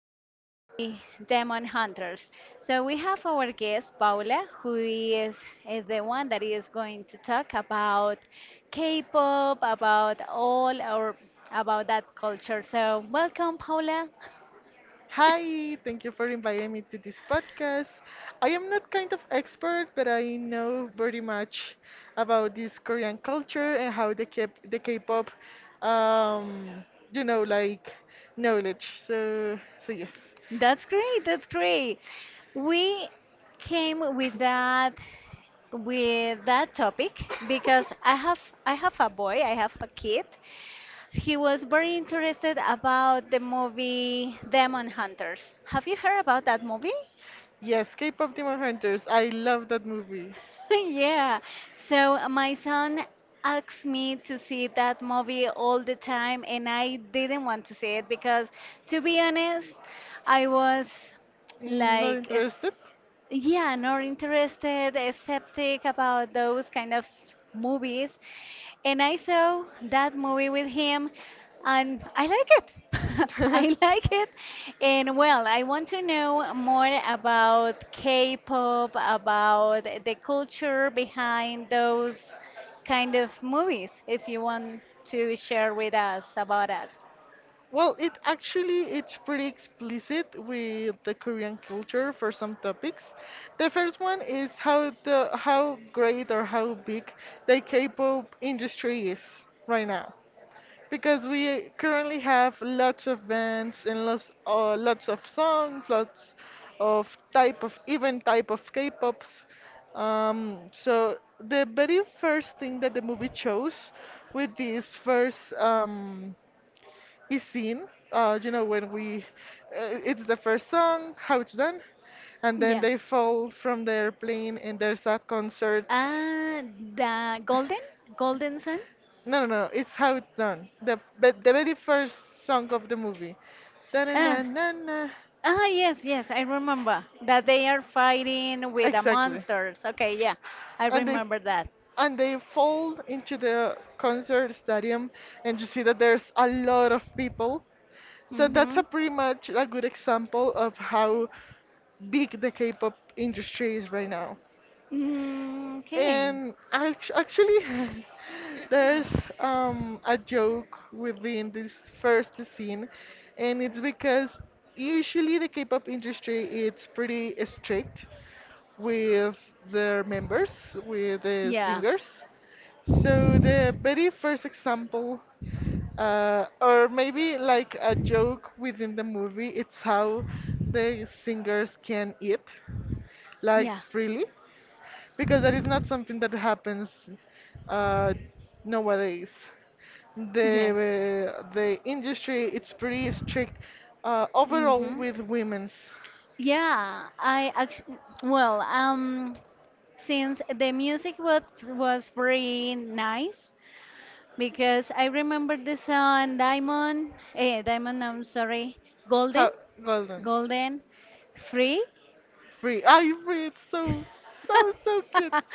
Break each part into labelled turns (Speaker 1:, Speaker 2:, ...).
Speaker 1: movie Demon Hunters. So, we have our guest Paula, who is the one that is going to talk about K pop, about all or about that culture. So, welcome, Paula.
Speaker 2: Hi, thank you for inviting me to this podcast. I am not kind of expert, but I know very much about this Korean culture and how they keep the K-pop, um, you know, like knowledge. So yes,
Speaker 1: That's great. That's great. We came with that topic because I have a boy, I have a kid. He was very interested about the movie Demon Hunters. Have you heard about that movie?
Speaker 2: yes, K-pop Demon Hunters. I love that movie.
Speaker 1: Yeah. So my son asked me to see that movie all the time, and I didn't want to see it because, to be honest, I was
Speaker 2: Mm, not
Speaker 1: like
Speaker 2: interested?
Speaker 1: yeah, not interested, skeptic about those kind of movies. And I saw that movie with him and I like it. I like it. And well, I want to know more about K-pop, about the culture behind those kind of movies, if you want to share with us about that.
Speaker 2: Well, it actually it's pretty explicit with the Korean culture for some topics. The first one is how the how great or how big the K-pop industry is right now, because we currently have lots of bands and lots of songs, lots of type of even type of K-pops. So the very first thing that the movie chose with this first is seen. You know, it's the first song, how it's done, and then
Speaker 1: Yeah.
Speaker 2: they fall from the airplane, and there's a concert.
Speaker 1: Ah, the golden, golden sun.
Speaker 2: No, no, no, it's how it's done. The but the very first song of the movie.
Speaker 1: Ah,
Speaker 2: Da-na-na-na-na.
Speaker 1: ah, yes, yes, I remember that they are fighting with the
Speaker 2: Exactly.
Speaker 1: monsters. Okay, yeah, I
Speaker 2: And they
Speaker 1: remember that.
Speaker 2: and they fall into the concert stadium, and you see that there's a lot of people, so that's
Speaker 1: Mm-hmm.
Speaker 2: a pretty much a good example of how big the K-pop industry is right now.
Speaker 1: Mm, okay.
Speaker 2: And actually, there's a joke within this first scene, and it's because usually the K-pop industry it's pretty strict with their members, with the
Speaker 1: Yeah.
Speaker 2: singers. So the very first example or maybe like a joke within the movie, it's how the singers can eat, like
Speaker 1: Yeah.
Speaker 2: freely, because that is not something that happens uh, nowadays.
Speaker 1: Yes.
Speaker 2: The industry it's pretty strict overall
Speaker 1: Mhm.
Speaker 2: with women's.
Speaker 1: Yeah, I actually, well, um, since the music was very nice, because I remember the song Diamond, Diamond, I'm sorry, Golden,
Speaker 2: How golden
Speaker 1: Golden, Free.
Speaker 2: free? I free. It's so cute.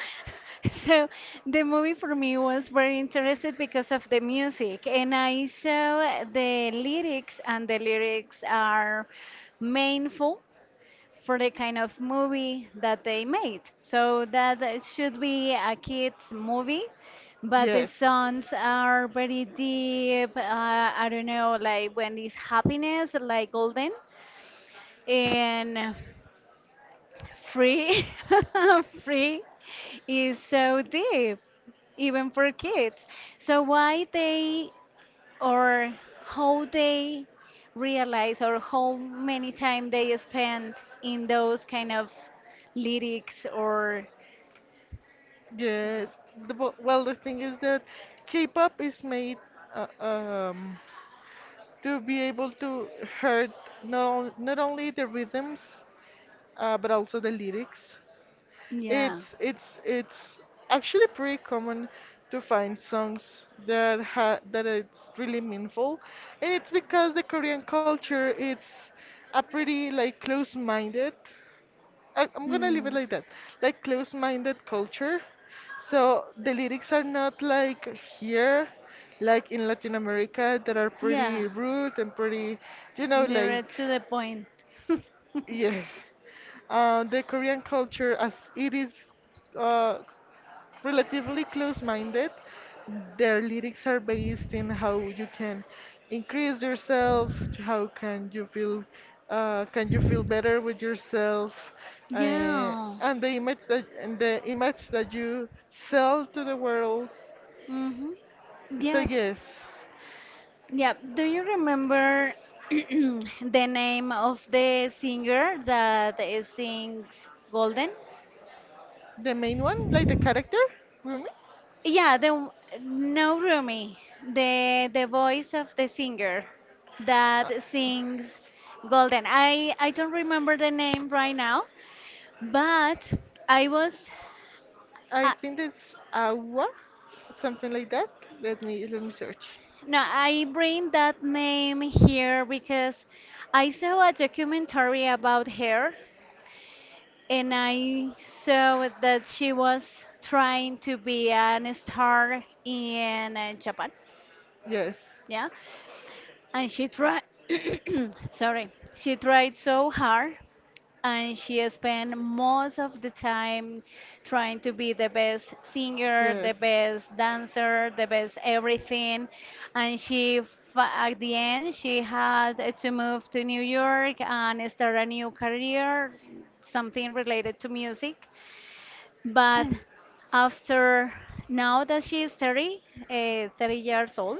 Speaker 1: So the movie for me was very interested because of the music, and I saw the lyrics, and the lyrics are meaningful for the kind of movie that they made. So that should be a kids movie, but the
Speaker 2: Yes.
Speaker 1: songs are very deep. I don't know, like when it's happiness, like golden and free, free is so deep even for kids. So why they or how they realize or how many time they spend in those kind of lyrics or
Speaker 2: Yes. Well, the thing is that K-pop is made uh, um, to be able to hurt not only the rhythms but also the lyrics.
Speaker 1: yeah.
Speaker 2: It's actually pretty common to find songs that it's really meaningful, and it's because the Korean culture it's a pretty like close-minded. I'm gonna leave it
Speaker 1: Hmm.
Speaker 2: like that, like close-minded culture. So the lyrics are not like here, like in Latin America, that are pretty
Speaker 1: Yeah.
Speaker 2: rude and pretty, you know, like
Speaker 1: Direct to the point.
Speaker 2: yes. The Korean culture, as it is uh, relatively close minded. Their lyrics are based in how you can increase yourself, how can you feel better with yourself uh,
Speaker 1: Yeah.
Speaker 2: and the image that and the image that you sell to the world.
Speaker 1: Mm-hmm.
Speaker 2: So
Speaker 1: Yeah.
Speaker 2: yes,
Speaker 1: Yeah. Do you remember the name of the singer that sings Golden?
Speaker 2: the main one, like the character, Rumi.
Speaker 1: Yeah, the no Rumi, the voice of the singer
Speaker 2: Uh,
Speaker 1: that sings Golden. I don't remember the name right now, but I was
Speaker 2: I
Speaker 1: I,
Speaker 2: think it's agua, something like that. Let me search.
Speaker 1: No, I bring that name here because I saw a documentary about her and I saw that she was trying to be an star in Japan.
Speaker 2: Yes,
Speaker 1: Yeah. And she tried, sorry, she tried so hard, and she spent most of the time trying to be the best singer, the
Speaker 2: yes.
Speaker 1: best dancer, the best everything. And at the end, she had to move to New York and start a new career, something related to music. But after now that she is 30, 30 years old,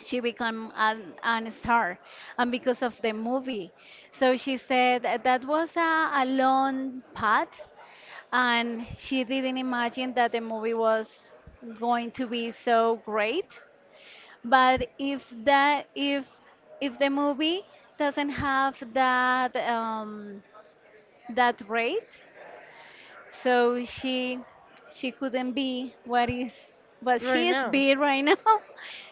Speaker 1: she became an star and because of the movie so she said that that was a long path and she didn't imagine that the movie was going to be so great but if that if the movie doesn't have that that rate so she couldn't be what is what
Speaker 2: Right
Speaker 1: she is
Speaker 2: now.
Speaker 1: being right now.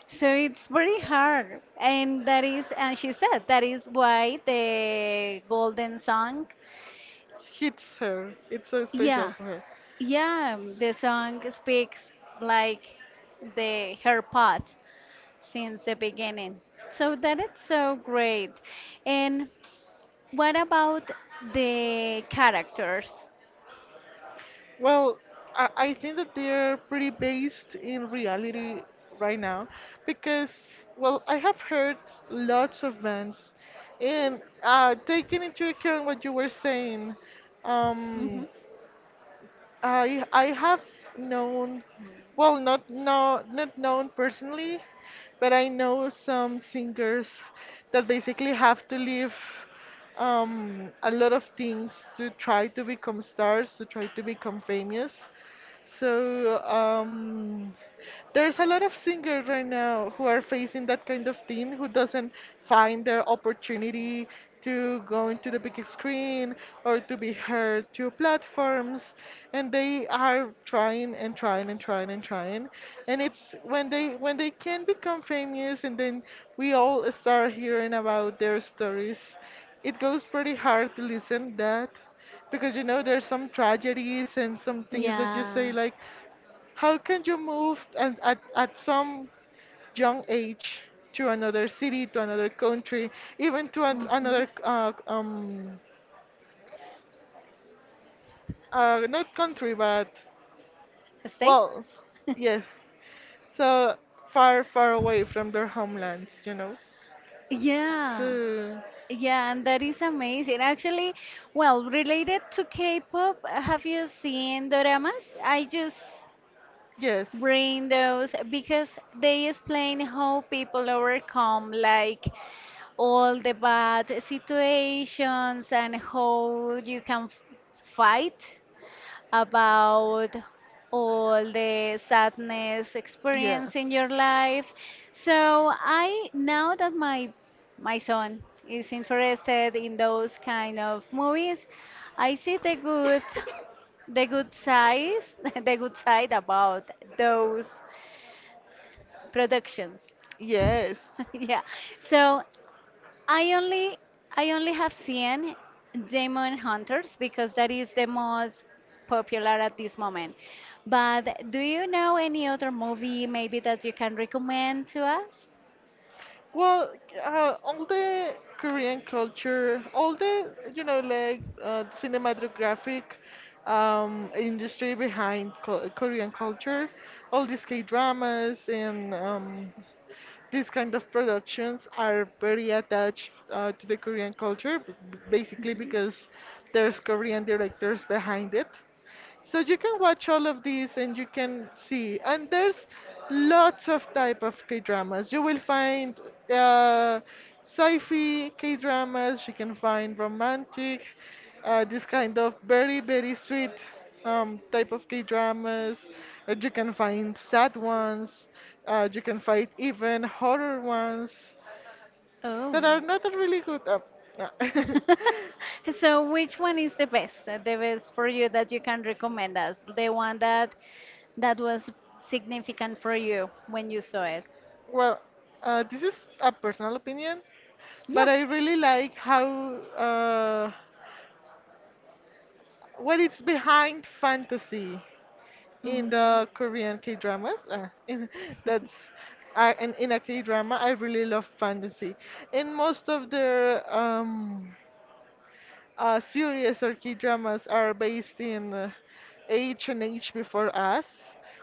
Speaker 1: So it's very hard. And that is and she said that is why the golden song.
Speaker 2: Hits her. It's so special
Speaker 1: Yeah.
Speaker 2: for her.
Speaker 1: Yeah, the song speaks like the her part since the beginning. So that is so great. And what about the characters?
Speaker 2: Well, I think that they're pretty based in reality right now because, well, I have heard lots of bands, and taking into account what you were saying,
Speaker 1: Hmm.
Speaker 2: um, I have known, well, not known personally, but I know some singers that basically have to leave a lot of things to try to become stars, to try to become famous. So there's a lot of singers right now who are facing that kind of thing, who doesn't find their opportunity to go into the big screen or to be heard to platforms, and they are trying and trying and trying and trying. And it's when they can become famous, and then we all start hearing about their stories. It goes pretty hard to listen that. Because you know, there's some tragedies and some things that you say
Speaker 1: Yeah.
Speaker 2: like, how can you move and at some young age to another city, to another country, even to
Speaker 1: Hmm.
Speaker 2: another not country but
Speaker 1: The Stay.
Speaker 2: well, yes, so far away from their homelands, you know.
Speaker 1: Yeah,
Speaker 2: So
Speaker 1: yeah, and that is amazing. Actually, well, related to K-pop, have you seen doramas? I just
Speaker 2: yes,
Speaker 1: bring those because they explain how people overcome like all the bad situations and how you can fight about all the sadness
Speaker 2: yes.
Speaker 1: experience in your life. So I now that my son is interested in those kind of movies, I see the good size the good side about those productions.
Speaker 2: Yes.
Speaker 1: Yeah. So I only I only have seen Demon Hunters because that is the most popular at this moment. But do you know any other movie maybe that you can recommend to us?
Speaker 2: Well, all the Korean culture, all the, you know, like cinematographic industry behind co Korean culture, all these K-dramas and these kind of productions are very attached to the Korean culture, basically because there's Korean directors behind it. So you can watch all of these and you can see. And there's lots of type of K-dramas. You will find uh, sci-fi K-dramas. You can find romantic, this kind of very, very sweet type of K dramas. You can find sad ones. You can find even horror ones that are
Speaker 1: Oh.
Speaker 2: not that really good. No.
Speaker 1: So which one is the best? The best for you that you can recommend us? The one that that was significant for you when you saw it?
Speaker 2: well, this is a personal opinion,
Speaker 1: Yeah.
Speaker 2: but I really like how uh, what is behind fantasy in
Speaker 1: Mm.
Speaker 2: the Korean K dramas. That's in a K drama, I really love fantasy. In most of their series or key dramas are based in age and age before us,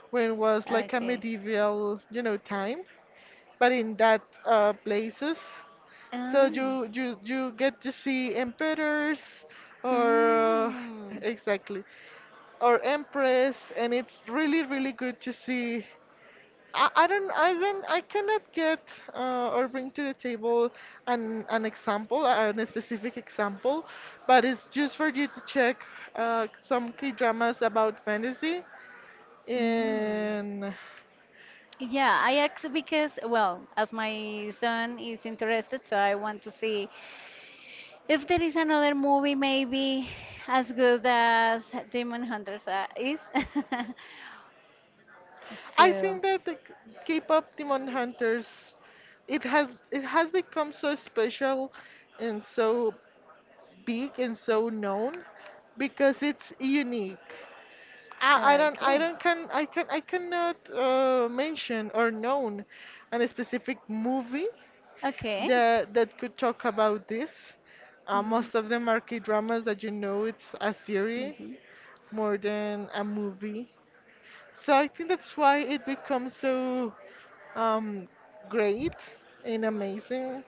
Speaker 2: when it was like a
Speaker 1: Okay.
Speaker 2: medieval, you know, time, but in that places. So
Speaker 1: Um.
Speaker 2: you get to see emperors or
Speaker 1: Mm.
Speaker 2: exactly or empress, and it's really good to see. I cannot get or bring to the table an specific example, but it's just for you to check some K dramas about fantasy,
Speaker 1: Mm.
Speaker 2: and
Speaker 1: Yeah, I asked because, well, as my son is interested, so I want to see if there is another movie maybe as good as Demon Hunters is.
Speaker 2: I
Speaker 1: So.
Speaker 2: think that K-pop Demon Hunters it has become so special and so big and so known because it's unique. I
Speaker 1: Okay.
Speaker 2: don't can I cannot mention or known a specific movie
Speaker 1: Okay.
Speaker 2: that could talk about this. Most of
Speaker 1: Hmm.
Speaker 2: them are K dramas that you know it's a series
Speaker 1: Hmm.
Speaker 2: more than a movie. So I think that's why it becomes so um, great and amazing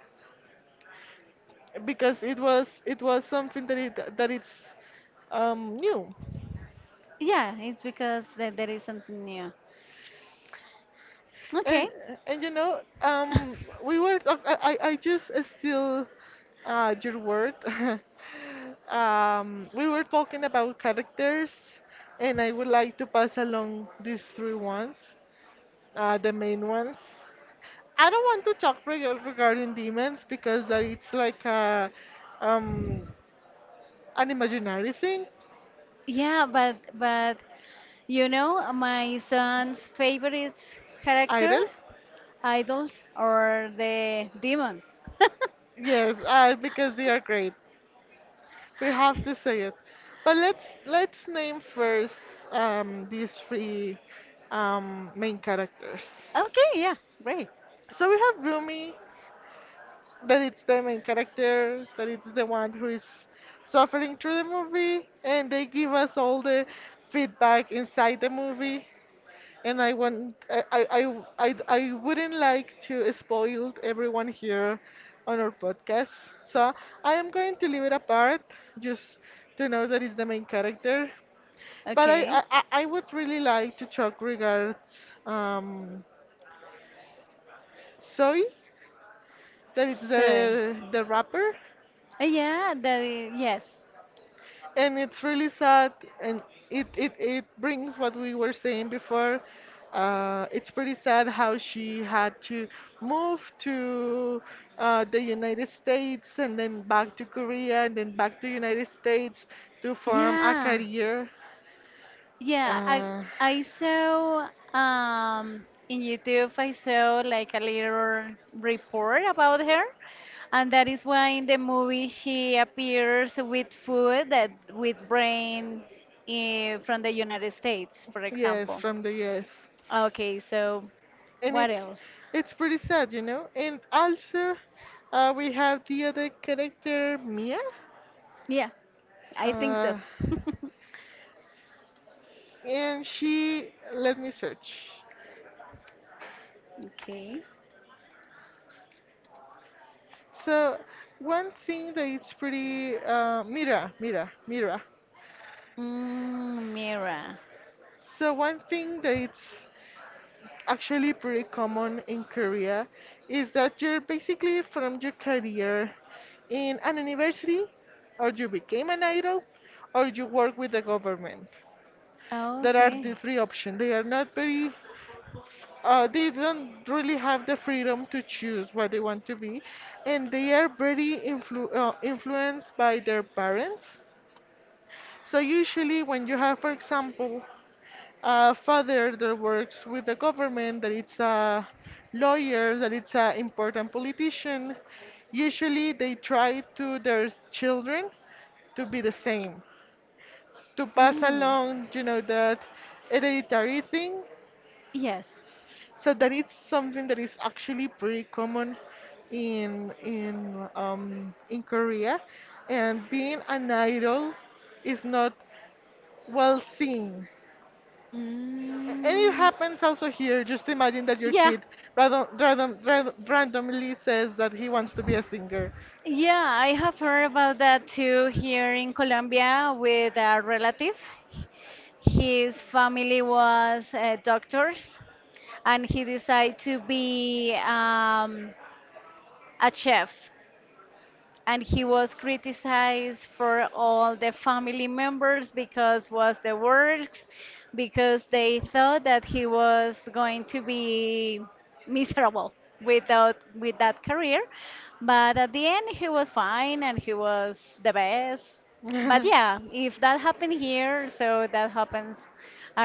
Speaker 2: because it was something that it's new.
Speaker 1: Yeah, it's because that there is something new. Okay.
Speaker 2: And and you know, we were talk- I just still your word. We were talking about characters, and I would like to pass along these three ones, the main ones. I don't want to talk regarding demons because that it's like a um an imaginary thing,
Speaker 1: Yeah, but you know my son's favorite character,
Speaker 2: idol.
Speaker 1: idols or the demons.
Speaker 2: Yes, because they are great. We have to say it. But let's name first these three main characters.
Speaker 1: Okay, yeah, great.
Speaker 2: So we have Rumi, that it's the main character, that it's the one who is suffering through the movie, and they give us all the feedback inside the movie. And I want I wouldn't like to spoil everyone here on our podcast. So I am going to leave it apart just to know that it's the main character. But I,
Speaker 1: Okay.
Speaker 2: I, I I would really like to talk regards um, Zoe, that it's
Speaker 1: So.
Speaker 2: the rapper,
Speaker 1: Yeah, that is, yes.
Speaker 2: and it's really sad, and it brings what we were saying before. It's pretty sad how she had to move to the United States and then back to Korea and then back to United States to form a
Speaker 1: Yeah.
Speaker 2: career.
Speaker 1: Yeah, I
Speaker 2: Uh,
Speaker 1: I saw in YouTube I saw like a little report about her and that is why in the movie she appears with food that with brain from the United States, for
Speaker 2: yes,
Speaker 1: example.
Speaker 2: from the US.
Speaker 1: Okay, so
Speaker 2: And
Speaker 1: what else?
Speaker 2: it's pretty sad, you know. And also, we have the other character Mia,
Speaker 1: Yeah, I think so.
Speaker 2: uh, and she let me search.
Speaker 1: Okay.
Speaker 2: So one thing that it's pretty Mira.
Speaker 1: Mm, Mira.
Speaker 2: So one thing that it's actually pretty common in Korea is that you're basically from your career in an university, or you became an idol, or you work with the government. There are the
Speaker 1: Okay.
Speaker 2: three options. They are not very, they don't really have the freedom to choose what they want to be, and they are very influenced by their parents. So usually, when you have, for example, a father that works with the government, that it's a lawyer, that it's an important politician, usually they try to their children to be the same, to pass
Speaker 1: Mm.
Speaker 2: along, you know, that hereditary thing.
Speaker 1: Yes.
Speaker 2: So that is something that is actually pretty common in in Korea, and being an idol is not well seen. And it
Speaker 1: Mm.
Speaker 2: happens also here. Just imagine that your
Speaker 1: Yeah.
Speaker 2: kid randomly says that he wants to be a singer.
Speaker 1: Yeah, I have heard about that too here in Colombia with a relative. His family was doctors and he decided to be a chef. And he was criticized for all the family members because was the works because they thought that he was going to be miserable without with that career but at the end he was fine and he was the best but yeah if that happened here so that happens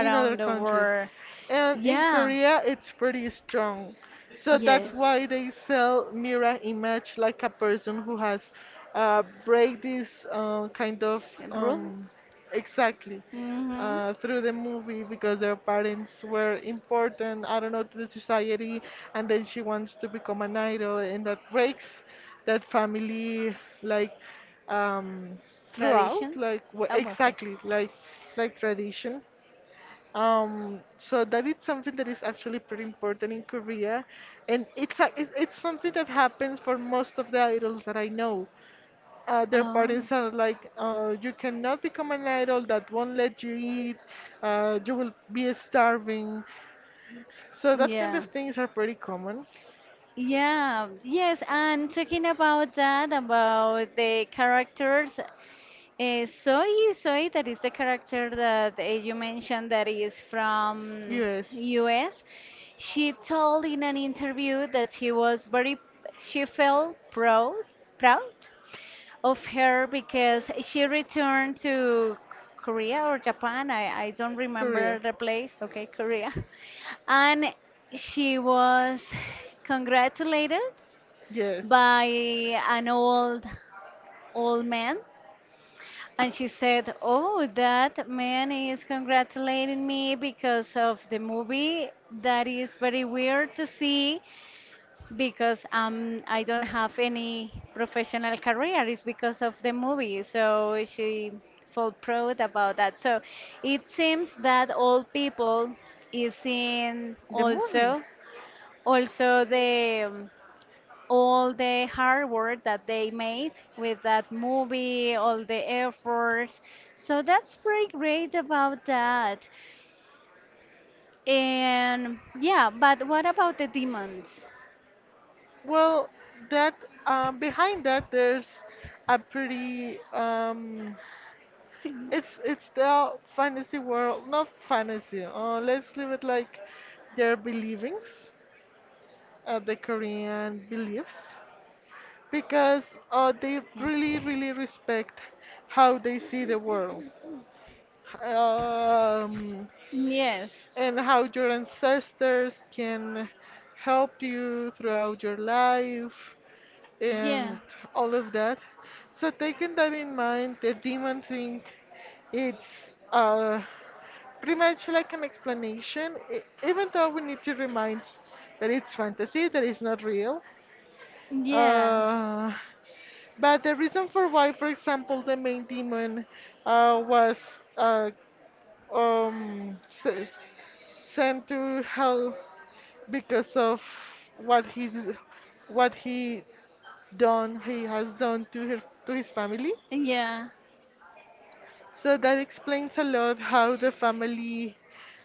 Speaker 2: in other
Speaker 1: the
Speaker 2: countries.
Speaker 1: world.
Speaker 2: And in
Speaker 1: Yeah.
Speaker 2: Korea, it's pretty strong. So that's
Speaker 1: Yes.
Speaker 2: why they sell mirror image like a person who has break this kind of
Speaker 1: Rules.
Speaker 2: um, exactly
Speaker 1: Hmm.
Speaker 2: through the movie because their parents were important, I don't know, to the society, and then she wants to become an idol, and that breaks that family like um, throughout,
Speaker 1: Traditions.
Speaker 2: like
Speaker 1: Oh, okay.
Speaker 2: exactly like tradition. So that is something that is actually pretty important in Korea, and it's it's something that happens for most of the idols that I know. Their
Speaker 1: Oh,
Speaker 2: parents are like, you cannot become an idol that won't let you eat, you will be starving. So that kind of
Speaker 1: yeah.
Speaker 2: things are pretty common.
Speaker 1: Yeah, yes, and talking about that, about the characters, Soy, Soy, that is the character that you mentioned that is from
Speaker 2: Yes.
Speaker 1: US. She told in an interview that she felt proud, proud of her because she returned to Korea or Japan. I don't remember
Speaker 2: Korea.
Speaker 1: the place. Okay, Korea. And she was congratulated
Speaker 2: Yes.
Speaker 1: by an old man. And she said, "Oh, that man is congratulating me because of the movie. That is very weird to see because I don't have any professional career. It's because of the movie." So she felt proud about that. So it seems that all people is in
Speaker 2: The movie.
Speaker 1: also also the all the hard work that they made with that movie, all the efforts. So that's pretty great about that. And yeah, but what about the demons?
Speaker 2: Well, that behind that there's a pretty it's the fantasy world, not fantasy. Let's leave it like their believings. The Korean beliefs because they really,
Speaker 1: Yeah.
Speaker 2: really respect how they see the world, um,
Speaker 1: Yes.
Speaker 2: and how your ancestors can help you throughout your life
Speaker 1: Yeah.
Speaker 2: and all of that. So, taking that in mind, the demon thing, it's uh, pretty much like an explanation, even though we need to remind that it's fantasy, that it's not real.
Speaker 1: Yeah,
Speaker 2: Uh, but the reason for why, for example, the main demon uh, was uh, um, s- sent to hell because of what he what he done he has done to her to his family.
Speaker 1: yeah,
Speaker 2: So that explains a lot how the family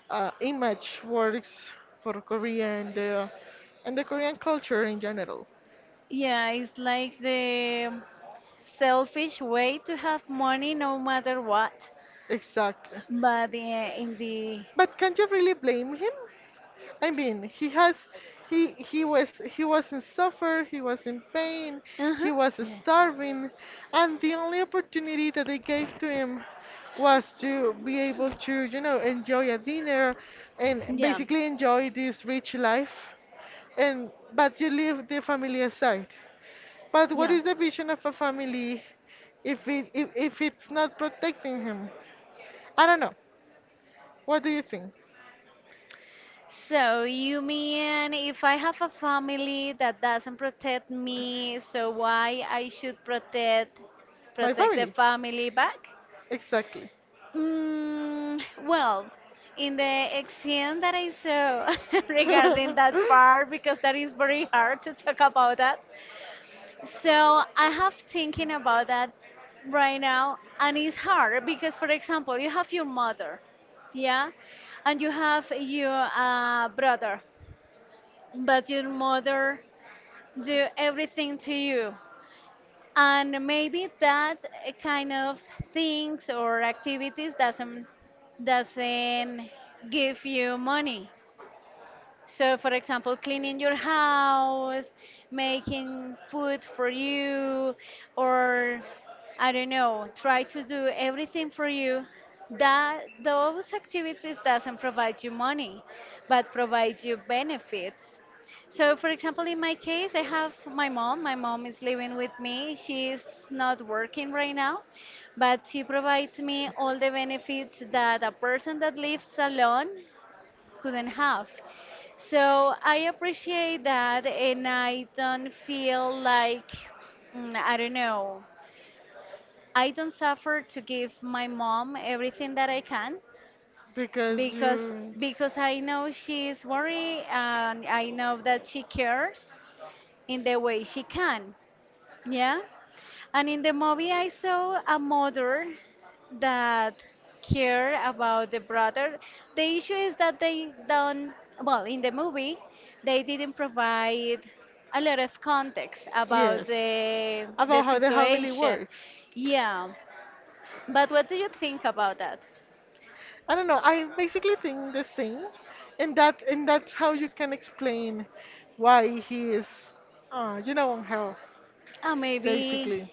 Speaker 2: image works for Korea and the Korean culture in general.
Speaker 1: yeah. It's like the selfish way to have money, no matter what.
Speaker 2: Exactly.
Speaker 1: But in the
Speaker 2: But can you really blame him? I mean, he was in suffer, he was in pain,
Speaker 1: uh-huh,
Speaker 2: he was
Speaker 1: yeah,
Speaker 2: starving, and the only opportunity that they gave to him was to be able to, enjoy a dinner and
Speaker 1: yeah,
Speaker 2: basically enjoy this rich life. And but you leave the family aside. But what
Speaker 1: yeah.
Speaker 2: is the vision of a family if it's not protecting him? I don't know. What do you think?
Speaker 1: So you mean if I have a family that doesn't protect me, so why I should
Speaker 2: My
Speaker 1: protect the
Speaker 2: family.
Speaker 1: family back?
Speaker 2: Exactly.
Speaker 1: Mm, well, in the exam that I saw regarding that part, because that is very hard to talk about that. So I have thinking about that right now, and it's hard because, for example, you have your mother, yeah, and you have your brother, but your mother do everything to you and maybe that kind of things or activities doesn't give you money. So, for example, cleaning your house, making food for you, or I don't know, try to do everything for you. That those activities doesn't provide you money, but provide you benefits. So, for example, in my case, I have my mom. My mom is living with me. She is not working right now, but she provides me all the benefits that a person that lives alone couldn't have. So I appreciate that, and I don't feel like, mm, I don't know, I don't suffer to give my mom everything that I can
Speaker 2: because
Speaker 1: because
Speaker 2: you.
Speaker 1: I know she is worried and I know that she cares in the way she can. Yeah. And in the movie, I saw a mother that care about the brother. The issue is that they don't, well, in the movie, they didn't provide a lot of context about
Speaker 2: Yes.
Speaker 1: the
Speaker 2: About how the family
Speaker 1: situation.
Speaker 2: works.
Speaker 1: Yeah. But what do you think about that?
Speaker 2: I don't know. I basically think the same, and that's how you can explain why he is, on hell,
Speaker 1: Maybe
Speaker 2: basically.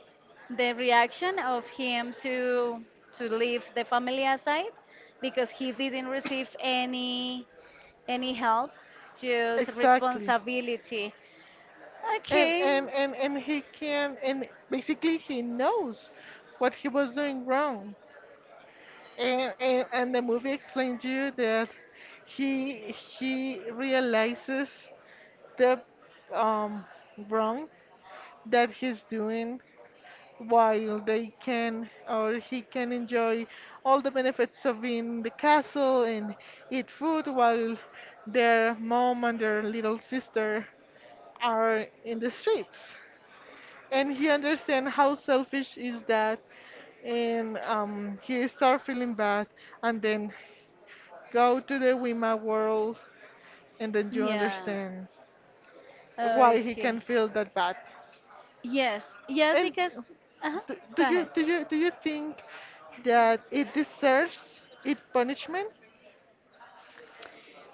Speaker 1: the reaction of him to leave the family aside because he didn't receive any help just
Speaker 2: Exactly.
Speaker 1: responsibility.
Speaker 2: and
Speaker 1: Okay.
Speaker 2: and and and he can, and basically he knows what he was doing wrong, and the movie explains you that he realizes the um wrong that he's doing while they can or he can enjoy all the benefits of being in the castle and eat food while their mom and their little sister are in the streets, and he understand how selfish is that. And he start feeling bad and then go to the Wima world, and then you
Speaker 1: Yeah,
Speaker 2: understand why he can
Speaker 1: okay.
Speaker 2: feel that bad.
Speaker 1: Yes, yes,
Speaker 2: And
Speaker 1: because uh-huh. Go ahead.
Speaker 2: do you think that it deserves it punishment?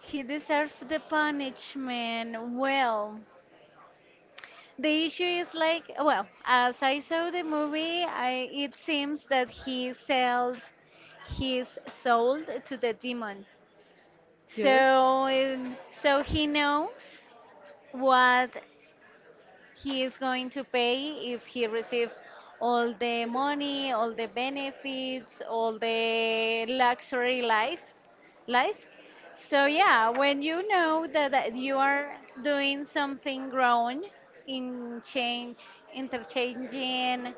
Speaker 1: He deserved the punishment well. The issue is like, well, as I saw the movie, it seems that he sells his soul to the demon.
Speaker 2: Yes,
Speaker 1: So, so he knows what he is going to pay if he receive all the money, all the benefits, all the life. So yeah, when you know that, that you are doing something wrong in interchanging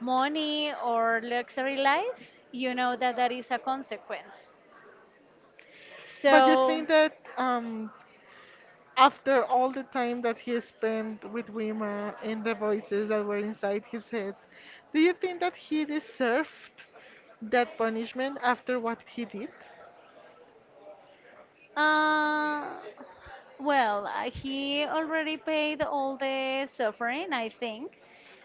Speaker 1: money or luxury life, you know that that is a consequence.
Speaker 2: but you
Speaker 1: So
Speaker 2: think that after all the time that he spent with Wima and the voices that were inside his head, do you think that he deserved that punishment after what he did?
Speaker 1: Uh, well, he already paid all the suffering, I think.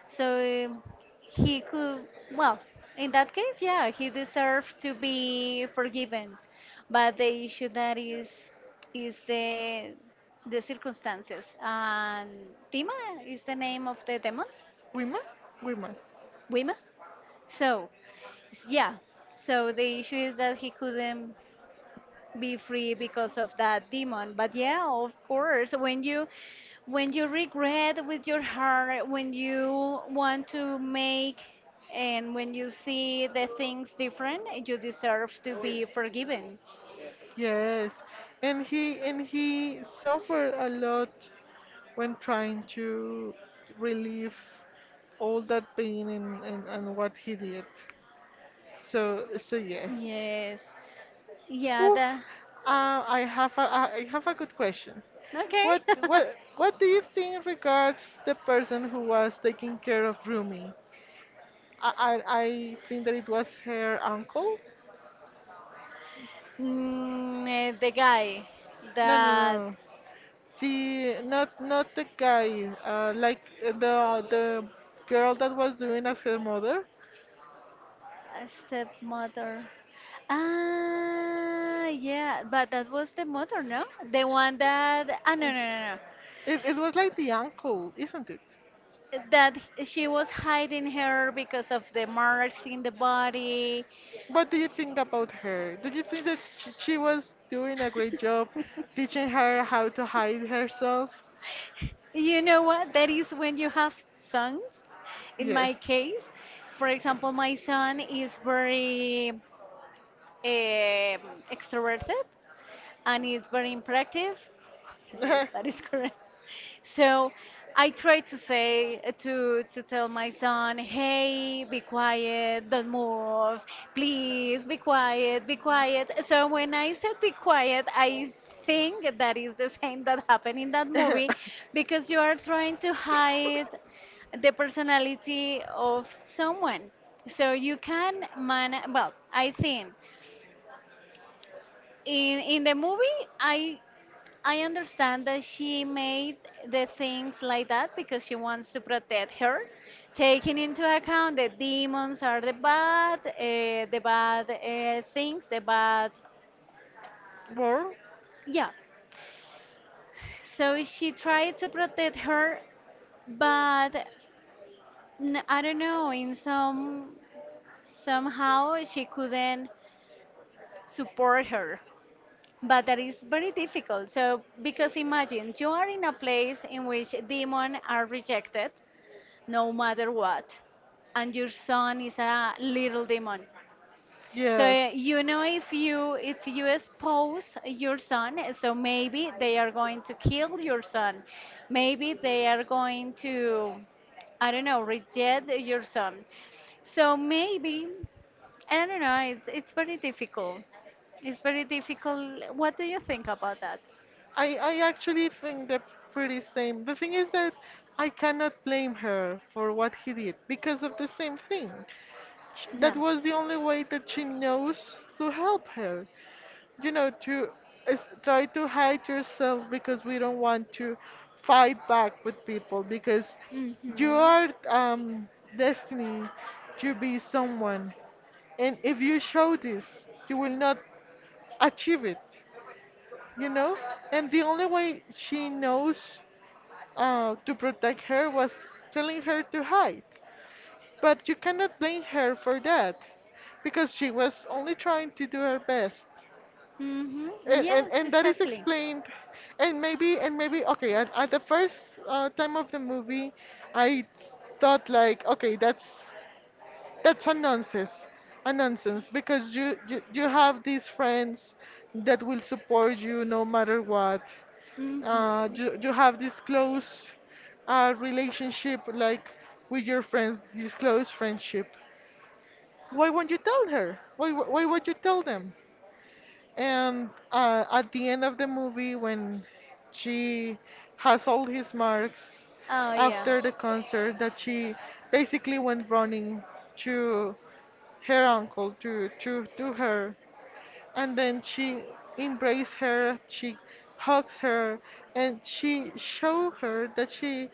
Speaker 1: So he could, well, in that case, yeah, he deserves to be forgiven. But the issue that is the circumstances. And Tima is the name of the demon,
Speaker 2: Wima? Wima.
Speaker 1: Wima. So, yeah. So the issue is that he couldn't be free because of that demon. But yeah, of course, when you regret with your heart, when you want to make and when you see the things different, you deserve to be forgiven.
Speaker 2: Yes. And he suffered a lot when trying to relieve all that pain and, what he did. So so yes.
Speaker 1: Yes. Yeah, the
Speaker 2: Oof. I have a good question.
Speaker 1: okay.
Speaker 2: What do you think regards the person who was taking care of Rumi? I think that it was her uncle.
Speaker 1: The guy
Speaker 2: No, no,
Speaker 1: that
Speaker 2: no. The not not the guy. Like, the girl that was doing as her mother.
Speaker 1: a stepmother. Ah, yeah, but that was the mother, no? The one that ah no.
Speaker 2: It was like the uncle, isn't it?
Speaker 1: That she was hiding her because of the marks in the body.
Speaker 2: What do you think about her? Do you think that she was doing a great job teaching her how to hide herself?
Speaker 1: You know what? That is when you have sons. In
Speaker 2: Yes.
Speaker 1: my case, for example, my son is very um, extroverted and is very impractive. That is correct. So I try to say to tell my son, "Hey, be quiet, don't move. Please be quiet." So when I said be quiet, I think that is the same that happened in that movie because you are trying to hide the personality of someone. So you can man well, I think in the movie I understand that she made the things like that because she wants to protect her, taking into account that demons are the bad things, the bad,
Speaker 2: More?
Speaker 1: yeah. So she tried to protect her, but n- I don't know. In some somehow she couldn't support her, but that is very difficult. So because imagine you are in a place in which demons are rejected no matter what. And your son is a little demon. So
Speaker 2: Yes.
Speaker 1: you know if you expose your son, so maybe they are going to kill your son. Maybe they are going to I don't know, reject your son. So maybe I don't know, it's very difficult. It's very difficult. What do you think about that?
Speaker 2: I actually think they're pretty same. The thing is that I cannot blame her for what he did because of the same thing. That
Speaker 1: Yeah.
Speaker 2: was the only way that she knows to help her, you know, to is try to hide yourself because we don't want to fight back with people because
Speaker 1: Mhm.
Speaker 2: you are destined to be someone, and if you show this you will not achieve it, you know. And the only way she knows, to protect her was telling her to hide, but you cannot blame her for that because she was only trying to do her best.
Speaker 1: Hmm. Yes,
Speaker 2: And that is
Speaker 1: exactly.
Speaker 2: explained. And maybe, okay, at the first time of the movie, I thought like, okay, that's a nonsense, a nonsense, because you, you have these friends that will support you no matter what.
Speaker 1: Hmm.
Speaker 2: You, you have this close relationship, like with your friends, this close friendship. Why won't you tell her? Why won't you tell them? And at the end of the movie, when she has all his marks
Speaker 1: Oh yeah,
Speaker 2: after the concert, that she basically went running to her uncle, to her, and then she embraced her, she hugs her, and she show her that she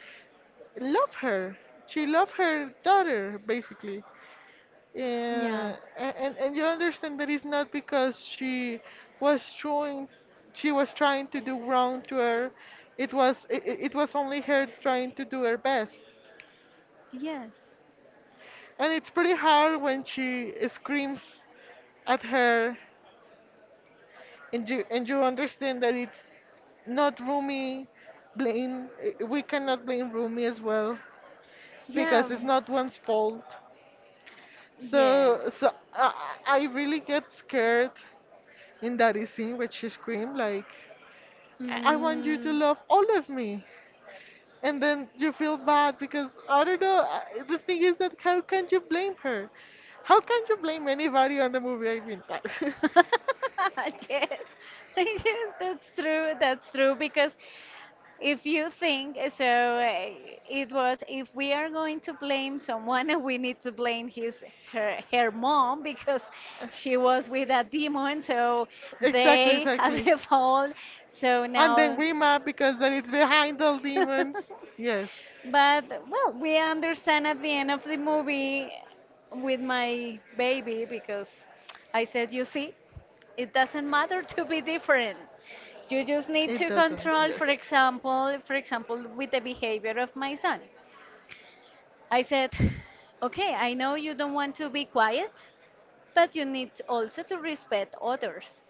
Speaker 2: love her. She love her daughter, basically.
Speaker 1: yeah,
Speaker 2: Yeah, and you understand that it's not because was trying, she was trying to do wrong to her. It was only her trying to do her best.
Speaker 1: yes,
Speaker 2: And it's pretty hard when she screams at her, and you understand that it's not Rumi blame. We cannot blame Rumi as well
Speaker 1: yeah,
Speaker 2: because it's not one's fault.
Speaker 1: yes.
Speaker 2: So I I really get scared in that scene where she screamed like, I want you to
Speaker 1: Mm.
Speaker 2: love all of me. And then you feel bad because I don't know. The thing is that how can you blame her? How can you blame anybody on the movie? I mean, that.
Speaker 1: Yes. Yes, that's true. That's true because if you think so, it was if we are going to blame someone, we need to blame his her her mom because she was with a demon, so they have the fault. So
Speaker 2: And no, then
Speaker 1: now.
Speaker 2: we map because then it's behind all demons. Yes, but
Speaker 1: But well, we understand at the end of the movie with my baby because I said, you see, it doesn't matter to be different. You just need
Speaker 2: it
Speaker 1: to
Speaker 2: doesn't,
Speaker 1: control,
Speaker 2: yes.
Speaker 1: for example, with the behavior of my son. I said, okay, I know you don't want to be quiet, but you need also to respect others.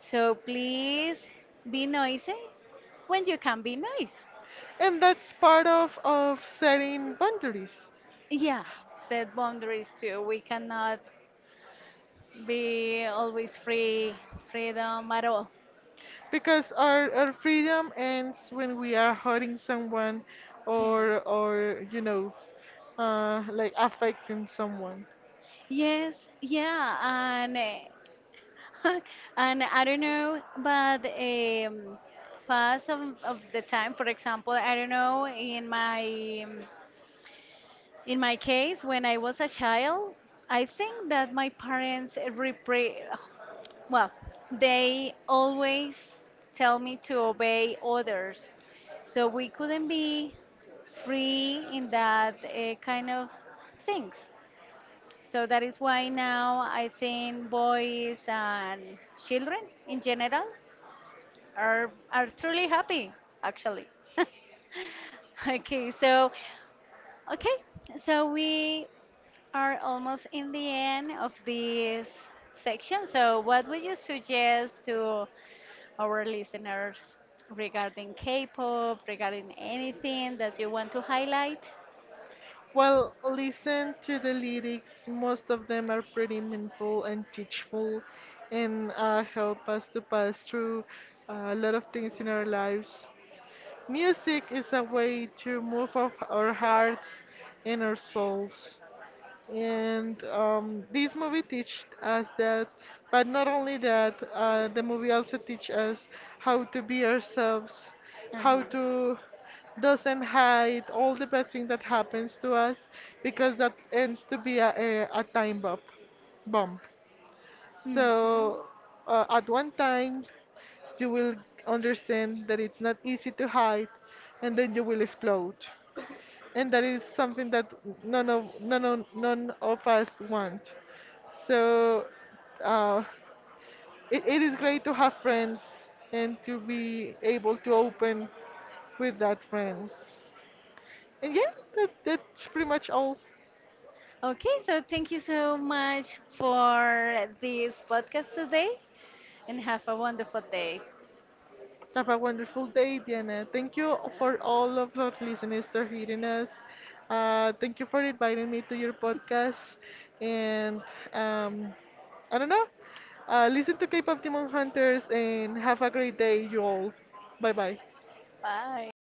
Speaker 1: So please be noisy when you can be nice.
Speaker 2: And that's part of setting boundaries.
Speaker 1: Yeah, set boundaries too. We cannot be always free, freedom at all.
Speaker 2: Because our freedom ends when we are hurting someone,
Speaker 1: Yeah.
Speaker 2: or, you know, like affecting someone.
Speaker 1: Yes. Yeah. And and I don't know, but fast of the time, for example, I don't know in my case when I was a child, I think that my parents repre well, they always tell me to obey others. So we couldn't be free in that kind of things. So that is why now I think boys and children in general are truly happy actually. Okay, okay, so we are almost in the end of this section. So what would you suggest to our listeners regarding K-pop, regarding anything that you want to highlight?
Speaker 2: Well, listen to the lyrics. Most of them are pretty meaningful and teachful, and help us to pass through a lot of things in our lives. Music is a way to move off our hearts and our souls. And this movie teach us that, but not only that, the movie also teach us how to be ourselves, how
Speaker 1: Uh-huh.
Speaker 2: to doesn't hide all the bad thing that happens to us, because that ends to be a time bomb. Bomb.
Speaker 1: Mhm.
Speaker 2: So at one time, you will understand that it's not easy to hide, and then you will explode, and that is something that none of us want. So uh, it, it is great to have friends and to be able to open with that friends. And yeah, that, that's pretty much all.
Speaker 1: Okay, so thank you so much for this podcast today and have a wonderful day.
Speaker 2: Have a wonderful day, Diana. Thank you for all of our listeners for hearing us. Thank you for inviting me to your podcast. And um, I don't know. Listen to K-pop Demon Hunters and have a great day, you all. Bye bye.
Speaker 1: Bye.